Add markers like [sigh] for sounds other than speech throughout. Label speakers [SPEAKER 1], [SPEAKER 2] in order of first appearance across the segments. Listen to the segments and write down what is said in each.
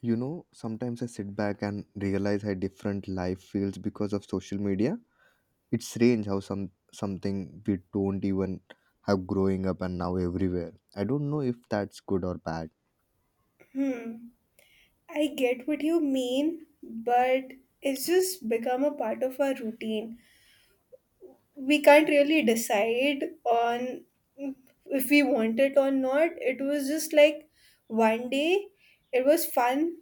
[SPEAKER 1] You know, sometimes I sit back and realize how different life feels because of social media. It's strange how something we don't even have growing up and now everywhere. I don't know if that's good or bad.
[SPEAKER 2] Hmm, I get what you mean, but it's just become a part of our routine. We can't really decide on if we want it or not. It was just like one day it was fun,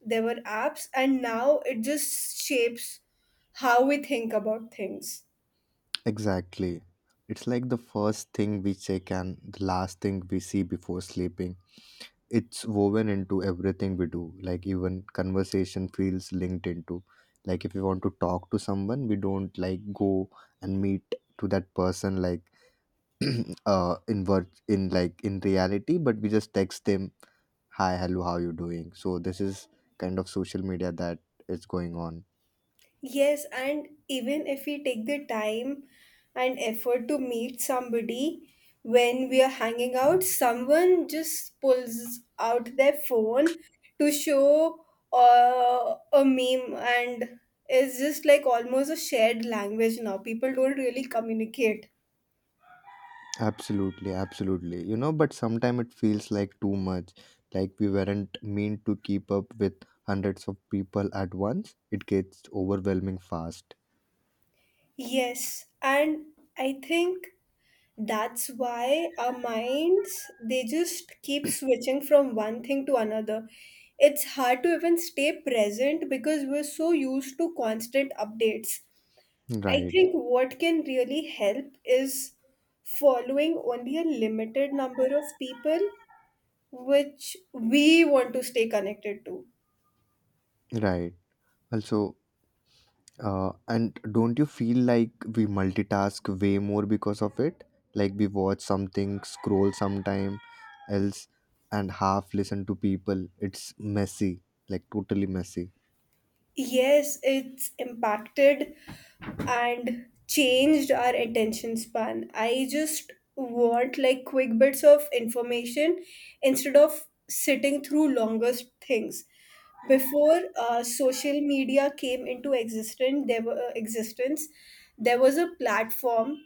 [SPEAKER 2] there were apps, and now it just shapes how we think about things.
[SPEAKER 1] Exactly. It's like the first thing we check and the last thing we see before sleeping. It's woven into everything we do. Like even conversation feels linked into. Like if we want to talk to someone, we don't like go and meet to that person, like [clears throat] in like in reality, but we just text them hi, hello, how you doing? So this is kind of social media that is going on.
[SPEAKER 2] Yes, and even if we take the time and effort to meet somebody when we are hanging out, someone just pulls out their phone to show a meme, and it's just like almost a shared language now. People don't really communicate.
[SPEAKER 1] Absolutely, but sometimes it feels like too much, like we weren't meant to keep up with hundreds of people at once. It gets overwhelming fast.
[SPEAKER 2] Yes, and I think that's why our minds, they just keep switching from one thing to another. It's hard to even stay present because we're so used to constant updates. I
[SPEAKER 1] Right,
[SPEAKER 2] think what can really help is following only a limited number of people which we want to stay connected to.
[SPEAKER 1] right. Also, and don't you feel like we multitask way more because of it? Like we watch something, scroll sometime else, and half listen to people. It's messy, like totally messy.
[SPEAKER 2] Yes, it's impacted and changed our attention span. I just want like quick bits of information instead of sitting through longer things. Before social media came into existence, there were there was a platform,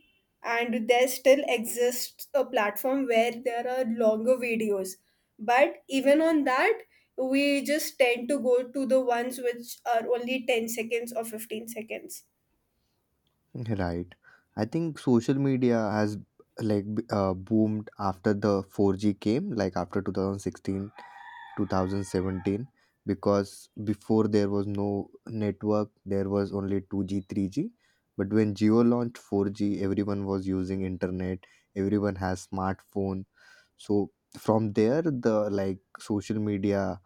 [SPEAKER 2] and there still exists a platform where there are longer videos. But even on that, we just tend to go to the ones which are only 10 seconds or 15 seconds.
[SPEAKER 1] Right. I think social media has like boomed after the 4G came, like after 2016, 2017, because before there was no network, there was only 2G, 3G, but when geo launched 4G, everyone was using internet, everyone has smartphone. So from there, the like social media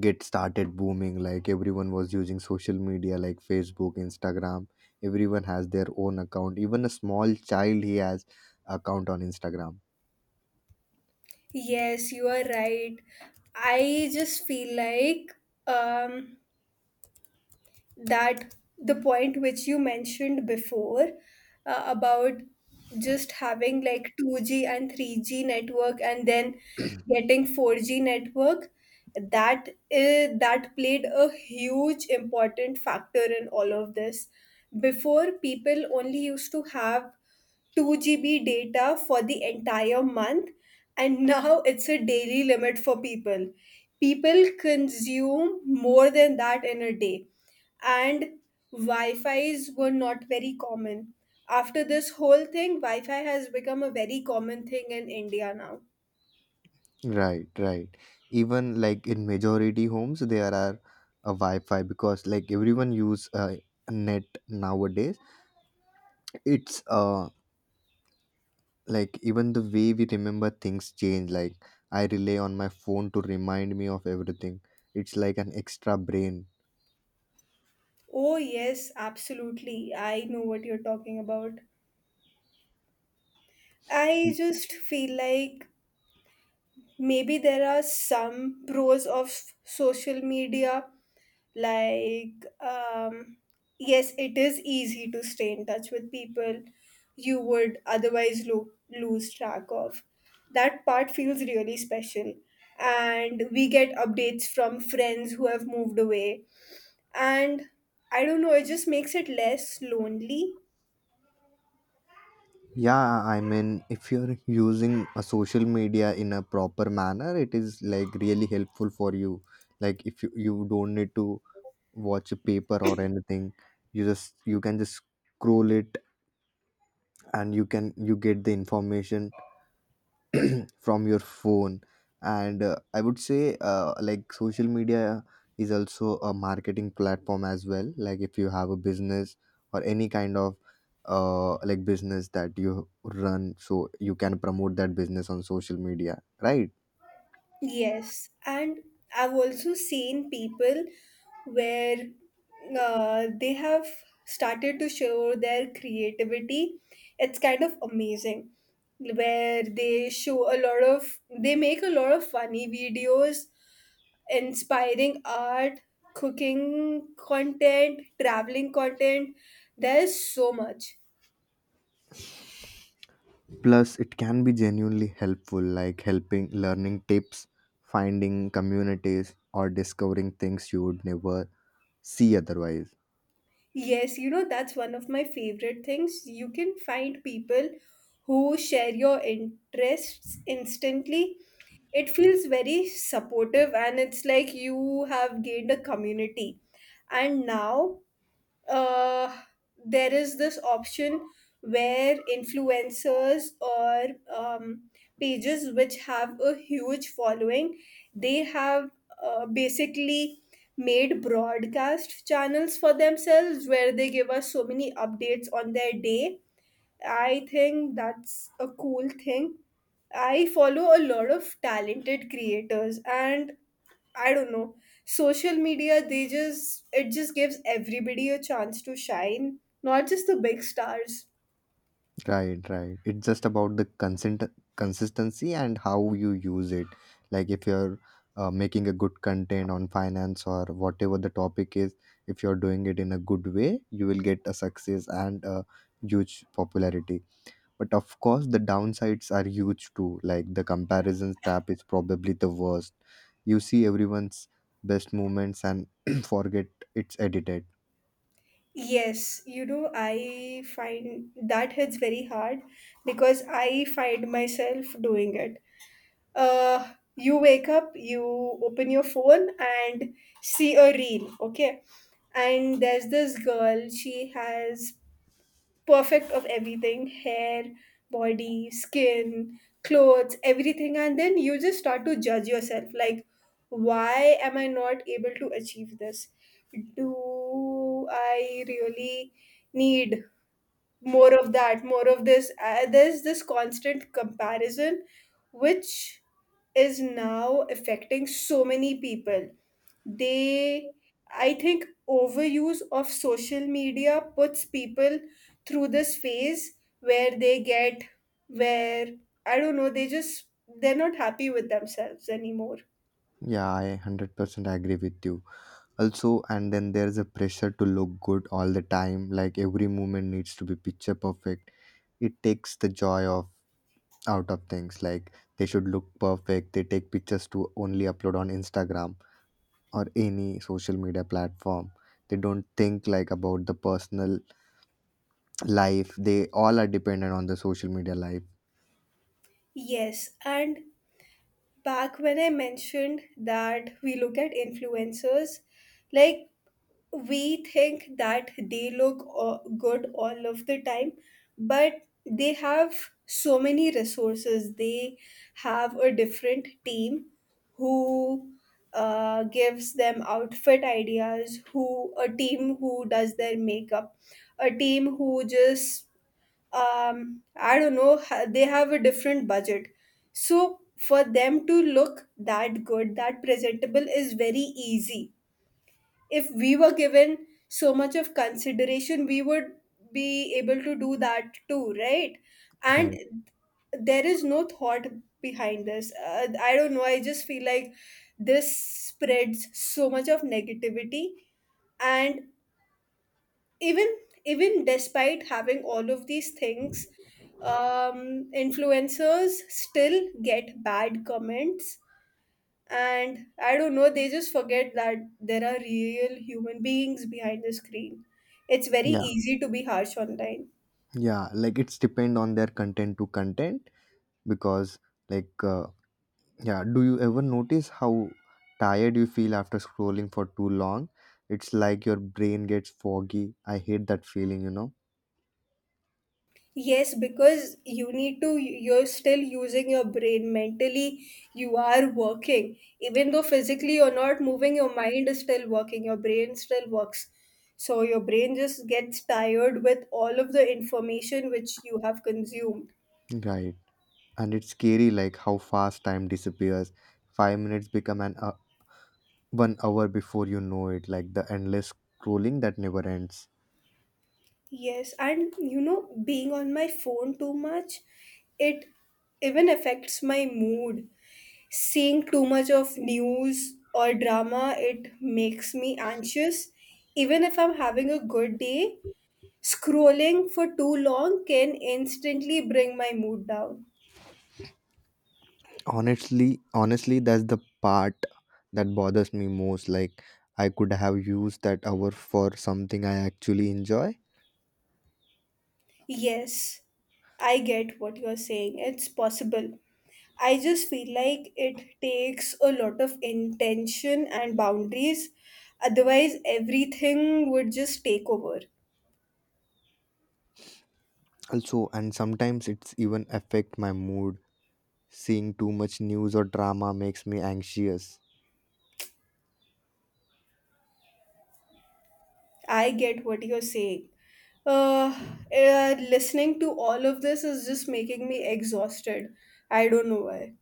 [SPEAKER 1] get started booming, like everyone was using social media like facebook, instagram. Everyone has their own account, even a small child, he has account on instagram.
[SPEAKER 2] Yes, you are right. I just feel like um, that the point which you mentioned before about just having like 2G and 3G network and then getting 4G network, that played a huge important factor in all of this. Before, people only used to have 2 GB data for the entire month, and now it's a daily limit for people. People consume more than that in a day, and Wi Fi's were not very common. After this whole thing, Wi Fi has become a very common thing in India now.
[SPEAKER 1] Right, right. Even like in majority homes, there are a Wi-Fi, because like everyone use net nowadays. It's uh, like even the way we remember things change. Like I rely on my phone to remind me of everything. It's like an extra brain.
[SPEAKER 2] Oh, yes, absolutely. I know what you're talking about. I just feel like maybe there are some pros of social media, like, um yes, it is easy to stay in touch with people you would otherwise lose track of. That part feels really special, and we get updates from friends who have moved away, and I don't know, it just makes it less lonely.
[SPEAKER 1] Yeah, I mean, if you're using a social media in a proper manner, it is like really helpful for you. Like if you, you don't need to watch a paper or anything, you just you can just scroll it, and you can you get the information from your phone. And I would say like social media is also a marketing platform as well. Like if you have a business or any kind of like business that you run, so you can promote that business on social media, right?
[SPEAKER 2] Yes, and I've also seen people where they have started to show their creativity. It's kind of amazing where they show a lot of, they make a lot of funny videos, inspiring art, cooking content, traveling content. There's so much.
[SPEAKER 1] Plus, it can be genuinely helpful, like helping learning tips, finding communities, or discovering things you would never see otherwise.
[SPEAKER 2] Yes, you know, that's one of my favorite things. You can find people who share your interests instantly. It feels very supportive and it's like you have gained a community. And now uh, there is this option where influencers or um, pages which have a huge following, they have basically made broadcast channels for themselves where they give us so many updates on their day. I think that's a cool thing. I follow a lot of talented creators and I don't know, social media, they just it just gives everybody a chance to shine, not just the big stars.
[SPEAKER 1] Right, right. It's just about the consent consistency and how you use it. Like if you're making a good content on finance or whatever the topic is, if you're doing it in a good way, you will get a success and a huge popularity. But of course, the downsides are huge too. Like the comparisons tab is probably the worst. You see everyone's best moments and [clears throat] forget it's edited.
[SPEAKER 2] Yes, you know, I find that hits very hard because I find myself doing it. You wake up, you open your phone and see a reel, okay? And there's this girl, she has perfect of everything: hair, body, skin, clothes, everything. And then you just start to judge yourself like, why am I not able to achieve this? Do I really need more of that, more of this? There's this constant comparison which is now affecting so many people. They i think overuse of social media puts people through this phase where they get where I don't know, they're not happy with themselves anymore.
[SPEAKER 1] Yeah, I 100% agree with you. Also, and then there's a pressure to look good all the time. Like every moment needs to be picture perfect. It takes the joy of out of things. Like they should look perfect. They take pictures to only upload on Instagram or any social media platform. They don't think like about the personal life. They all are dependent on the social media life.
[SPEAKER 2] Yes, and back when I mentioned that we look at influencers, like we think that they look good all of the time, but they have so many resources. They have a different team who gives them outfit ideas, who a team who does their makeup, a team who just, I don't know. They have a different budget, so for them to look that good, that presentable is very easy. If we were given so much of consideration, we would be able to do that too, right? And
[SPEAKER 1] Right.
[SPEAKER 2] there is no thought behind this. I don't know, I just feel like this spreads so much of negativity. And even, even despite having all of these things, um influencers still get bad comments, and I don't know, they just forget that there are real human beings behind the screen. It's very
[SPEAKER 1] Yeah,
[SPEAKER 2] easy to be harsh online.
[SPEAKER 1] yeah, like it's depend on their content to content. Because like yeah, do you ever notice how tired you feel after scrolling for too long? It's like your brain gets foggy. I hate that feeling,
[SPEAKER 2] Yes, because you need to, you're still using your brain mentally. You are working even though physically you're not moving. Your mind is still working, your brain still works, so your brain just gets tired with all of the information which you have consumed.
[SPEAKER 1] Right. And it's scary like how fast time disappears. 5 minutes become an 1 hour before you know it, like the endless scrolling that never ends.
[SPEAKER 2] Yes, and you know, being on my phone too much, it even affects my mood. Seeing too much of news or drama, it makes me anxious. Even if I'm having a good day, scrolling for too long can instantly bring my mood down.
[SPEAKER 1] Honestly, that's the part that bothers me most, like I could have used that hour for something I actually enjoy.
[SPEAKER 2] Yes, I get what you're saying. It's possible. I just feel like it takes a lot of intention and boundaries. Otherwise, everything would just take over.
[SPEAKER 1] Also, and sometimes it's even affect my mood, seeing too much news or drama makes me anxious.
[SPEAKER 2] I get what you're saying. Uh, Listening to all of this is just making me exhausted. I don't know why.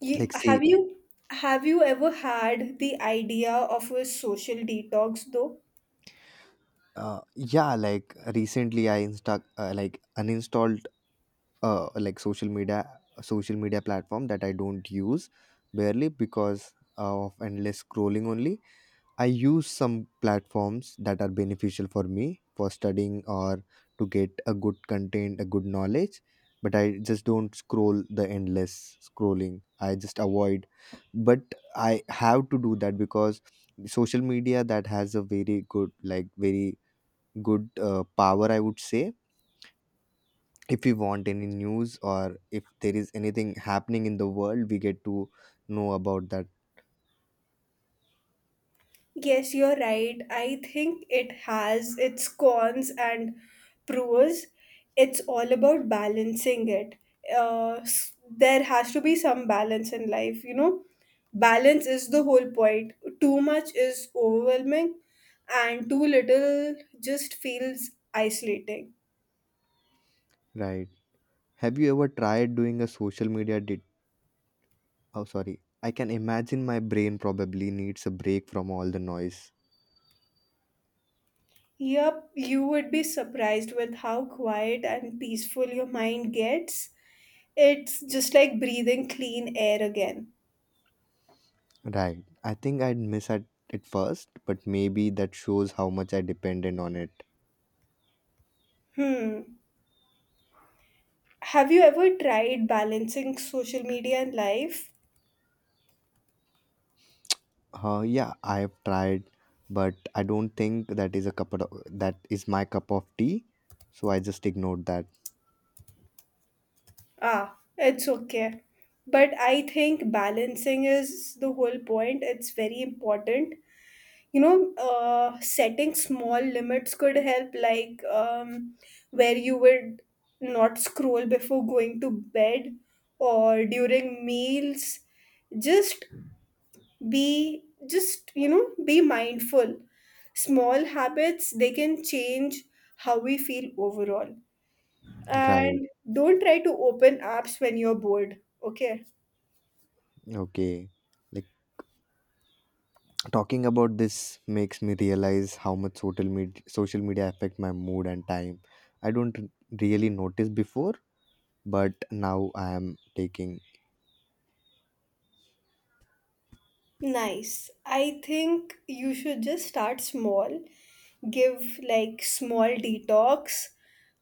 [SPEAKER 2] You,
[SPEAKER 1] Like see,
[SPEAKER 2] have you have you ever had the idea of a social detox though?
[SPEAKER 1] yeah, like recently I insta like uninstalled like social media, platform that I don't use barely because of endless scrolling only. I use some platforms that are beneficial for me for studying or to get a good content, a good knowledge. But I just don't scroll the endless scrolling. I just avoid. But I have to do that, because social media that has a very good, like very good power. I would say if we want any news or if there is anything happening in the world, we get to know about that.
[SPEAKER 2] Yes, you're right. I think it has its cons and pros. It's all about balancing it. There has to be some balance in life, you know. Balance is the whole point. Too much is overwhelming, and too little just feels isolating.
[SPEAKER 1] Right? Have you ever tried doing a social media de- Oh, sorry. I can imagine my brain probably needs a break from all the noise.
[SPEAKER 2] Yup, you would be surprised with how quiet and peaceful your mind gets. It's just like breathing clean air again.
[SPEAKER 1] Right. I think I'd miss at it first, but maybe that shows how much I depended on it.
[SPEAKER 2] Hmm. Have you ever tried balancing social media and life?
[SPEAKER 1] Yeah, I've tried, but I don't think that is a cup of, that is my cup of tea. So I just ignored that.
[SPEAKER 2] Ah, it's okay. But I think balancing is the whole point. It's very important. You know, setting small limits could help, like, where you would not scroll before going to bed or during meals. Just you know, be mindful. Small habits, they can change how we feel overall.
[SPEAKER 1] Right.
[SPEAKER 2] And don't try to open apps when you're bored, okay?
[SPEAKER 1] Okay. Like talking about this makes me realize how much social media affect my mood and time. I don't really notice before, but now I am taking.
[SPEAKER 2] Nice. I think you should just start small, give like small detox,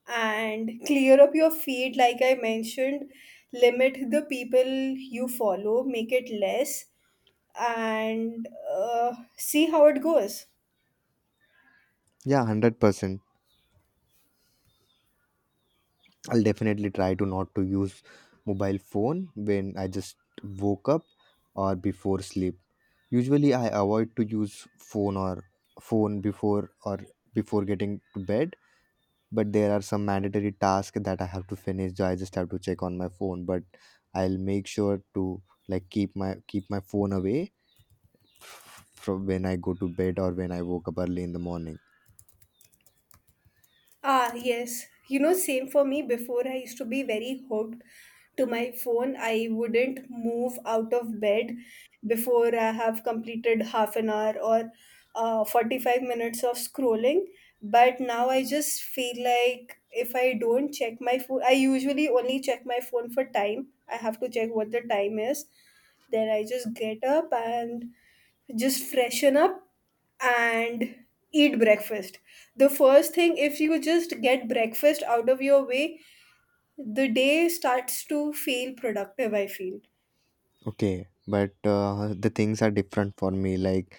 [SPEAKER 2] and clear up your feed, like I mentioned. Limit the people you follow, make it less, and see how it goes.
[SPEAKER 1] Yeah, 100%. I'll definitely try to not to use mobile phone when I just woke up or before sleep. Usually I avoid to use phone or phone before or before getting to bed, but there are some mandatory tasks that I have to finish, so I just have to check on my phone. But I'll make sure to like keep my phone away from when I go to bed or when I woke up early in the morning.
[SPEAKER 2] Ah, yes. You know, same for me. Before, I used to be very hooked to my phone. I wouldn't move out of bed before I have completed half an hour or 45 minutes of scrolling. But now I just feel like if I don't check my phone, I usually only check my phone for time. I have to check what the time is. Then I just get up and just freshen up and eat breakfast. The first thing, if you just get breakfast out of your way, the day starts to feel productive, I feel.
[SPEAKER 1] Okay, but the things are different for me, like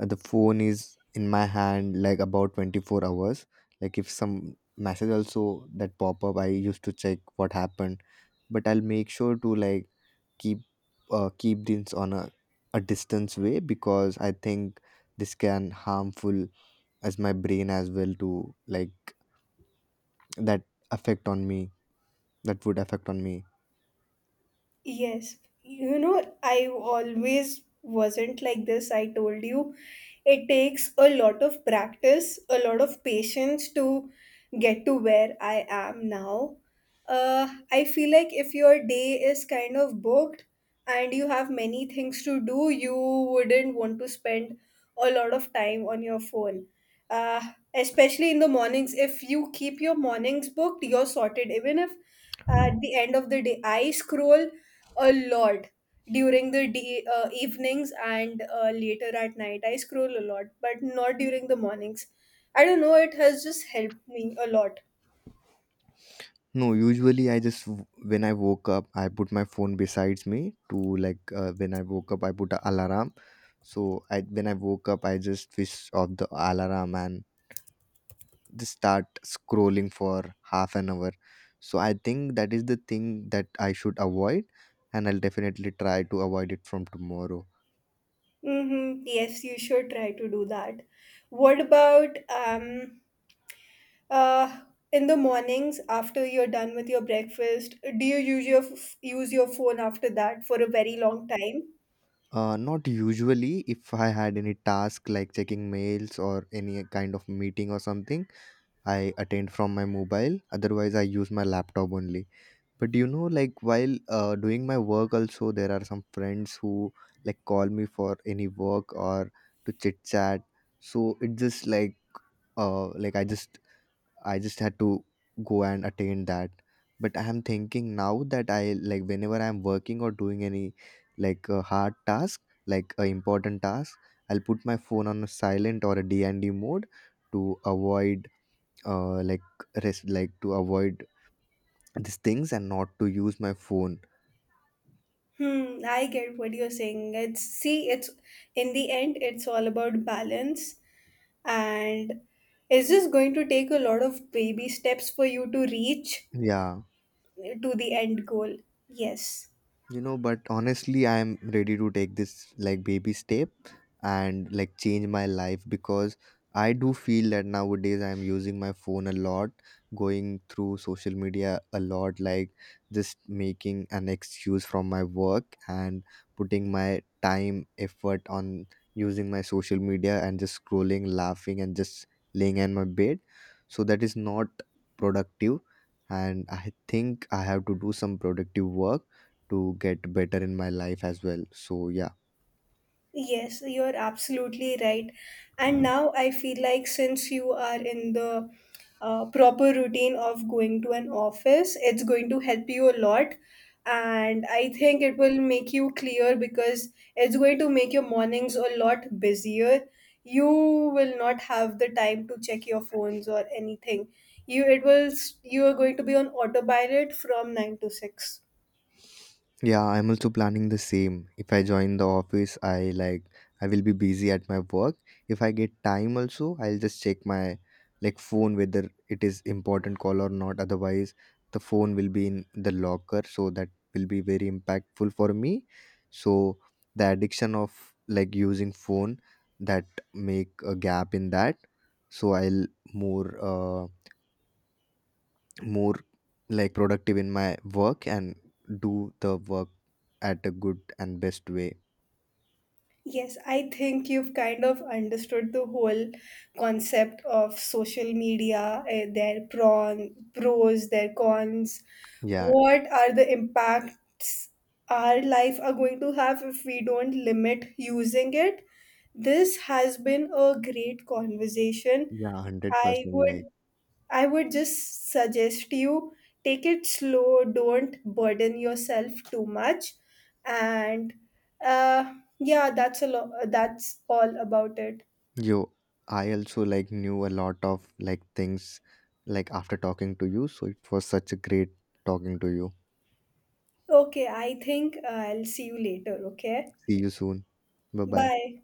[SPEAKER 1] the phone is in my hand like about 24 hours. Like if some message also that pop up, I used to check what happened. But I'll make sure to like keep, keep this on a distance way, because I think this can harmful as my brain as well, to like that affect on me, that would affect on me.
[SPEAKER 2] Yes, you know, I always wasn't like this. I told you, it takes a lot of practice, a lot of patience to get to where I am now. I feel like if your day is kind of booked and you have many things to do, you wouldn't want to spend a lot of time on your phone. Uh, especially in the mornings, if you keep your mornings booked, you're sorted. Even if at the end of the day I scroll, a lot during the de evenings and later at night. I scroll a lot, but not during the mornings. I don't know, it has just helped me a lot.
[SPEAKER 1] No, usually I just when I woke up, I put my phone besides me to like, when I woke up, I put a alarm. So I, when I woke up, I just switch off the alarm and just start scrolling for half an hour. So I think that is the thing that I should avoid, and I'll definitely try to avoid it from tomorrow.
[SPEAKER 2] Mm-hmm. Yes, you should try to do that. What about, uh in the mornings after you're done with your breakfast, do you use your use your phone after that for a very long time?
[SPEAKER 1] Not usually. If I had any task like checking mails or any kind of meeting or something, I attend from my mobile. Otherwise, I use my laptop only. But you know, like while doing my work, also there are some friends who like call me for any work or to chit chat. So it just like I just, I just had to go and attain that. But I am thinking now that I like whenever I am working or doing any like a hard task, like a important task, I'll put my phone on a silent or a D and D mode to avoid like rest like to avoid these things and not to use my phone.
[SPEAKER 2] Hmm, I get what you're saying. It's in the end, it's all about balance, and it's just going to take a lot of baby steps for you to reach
[SPEAKER 1] Yeah,
[SPEAKER 2] to the end goal, yes.
[SPEAKER 1] you know, but honestly, I am ready to take this like baby step and like change my life, because I do feel that nowadays I am using my phone a lot, going through social media a lot, like just making an excuse from my work and putting my time, effort on using my social media and just scrolling, laughing, and just laying in my bed. So that is not productive. And I think I have to do some productive work to get better in my life as well. So yeah.
[SPEAKER 2] Yes, you're absolutely right. And now I feel like since you are in the proper routine of going to an office, it's going to help you a lot. And I think it will make you clear because it's going to make your mornings a lot busier. You will not have the time to check your phones or anything. You it will s- you are going to be on autopilot from 9 to 6.
[SPEAKER 1] Yeah, I'm also planning the same. If I join the office, I like I will be busy at my work. If I get time also, I'll just check my like phone whether it is important call or not. Otherwise, the phone will be in the locker, so that will be very impactful for me. So the addiction of like using phone, that make a gap in that, so I'll more more like productive in my work and do the work at a good and best way.
[SPEAKER 2] Yes, I think you've kind of understood the whole concept of social media, eh, their pros, their cons.
[SPEAKER 1] Yeah,
[SPEAKER 2] What are the impacts our life are going to have if we don't limit using it? This has been a great conversation.
[SPEAKER 1] yeah,
[SPEAKER 2] I
[SPEAKER 1] 100%. Like
[SPEAKER 2] would I would just suggest you take it slow, don't burden yourself too much, and yeah, that's a lot. That's all about it.
[SPEAKER 1] yo, I also like knew a lot of like things like after talking to you, so it was such a great talking to you.
[SPEAKER 2] Okay, I think I'll see you later. Okay,
[SPEAKER 1] See you soon. Bye bye.
[SPEAKER 2] bye.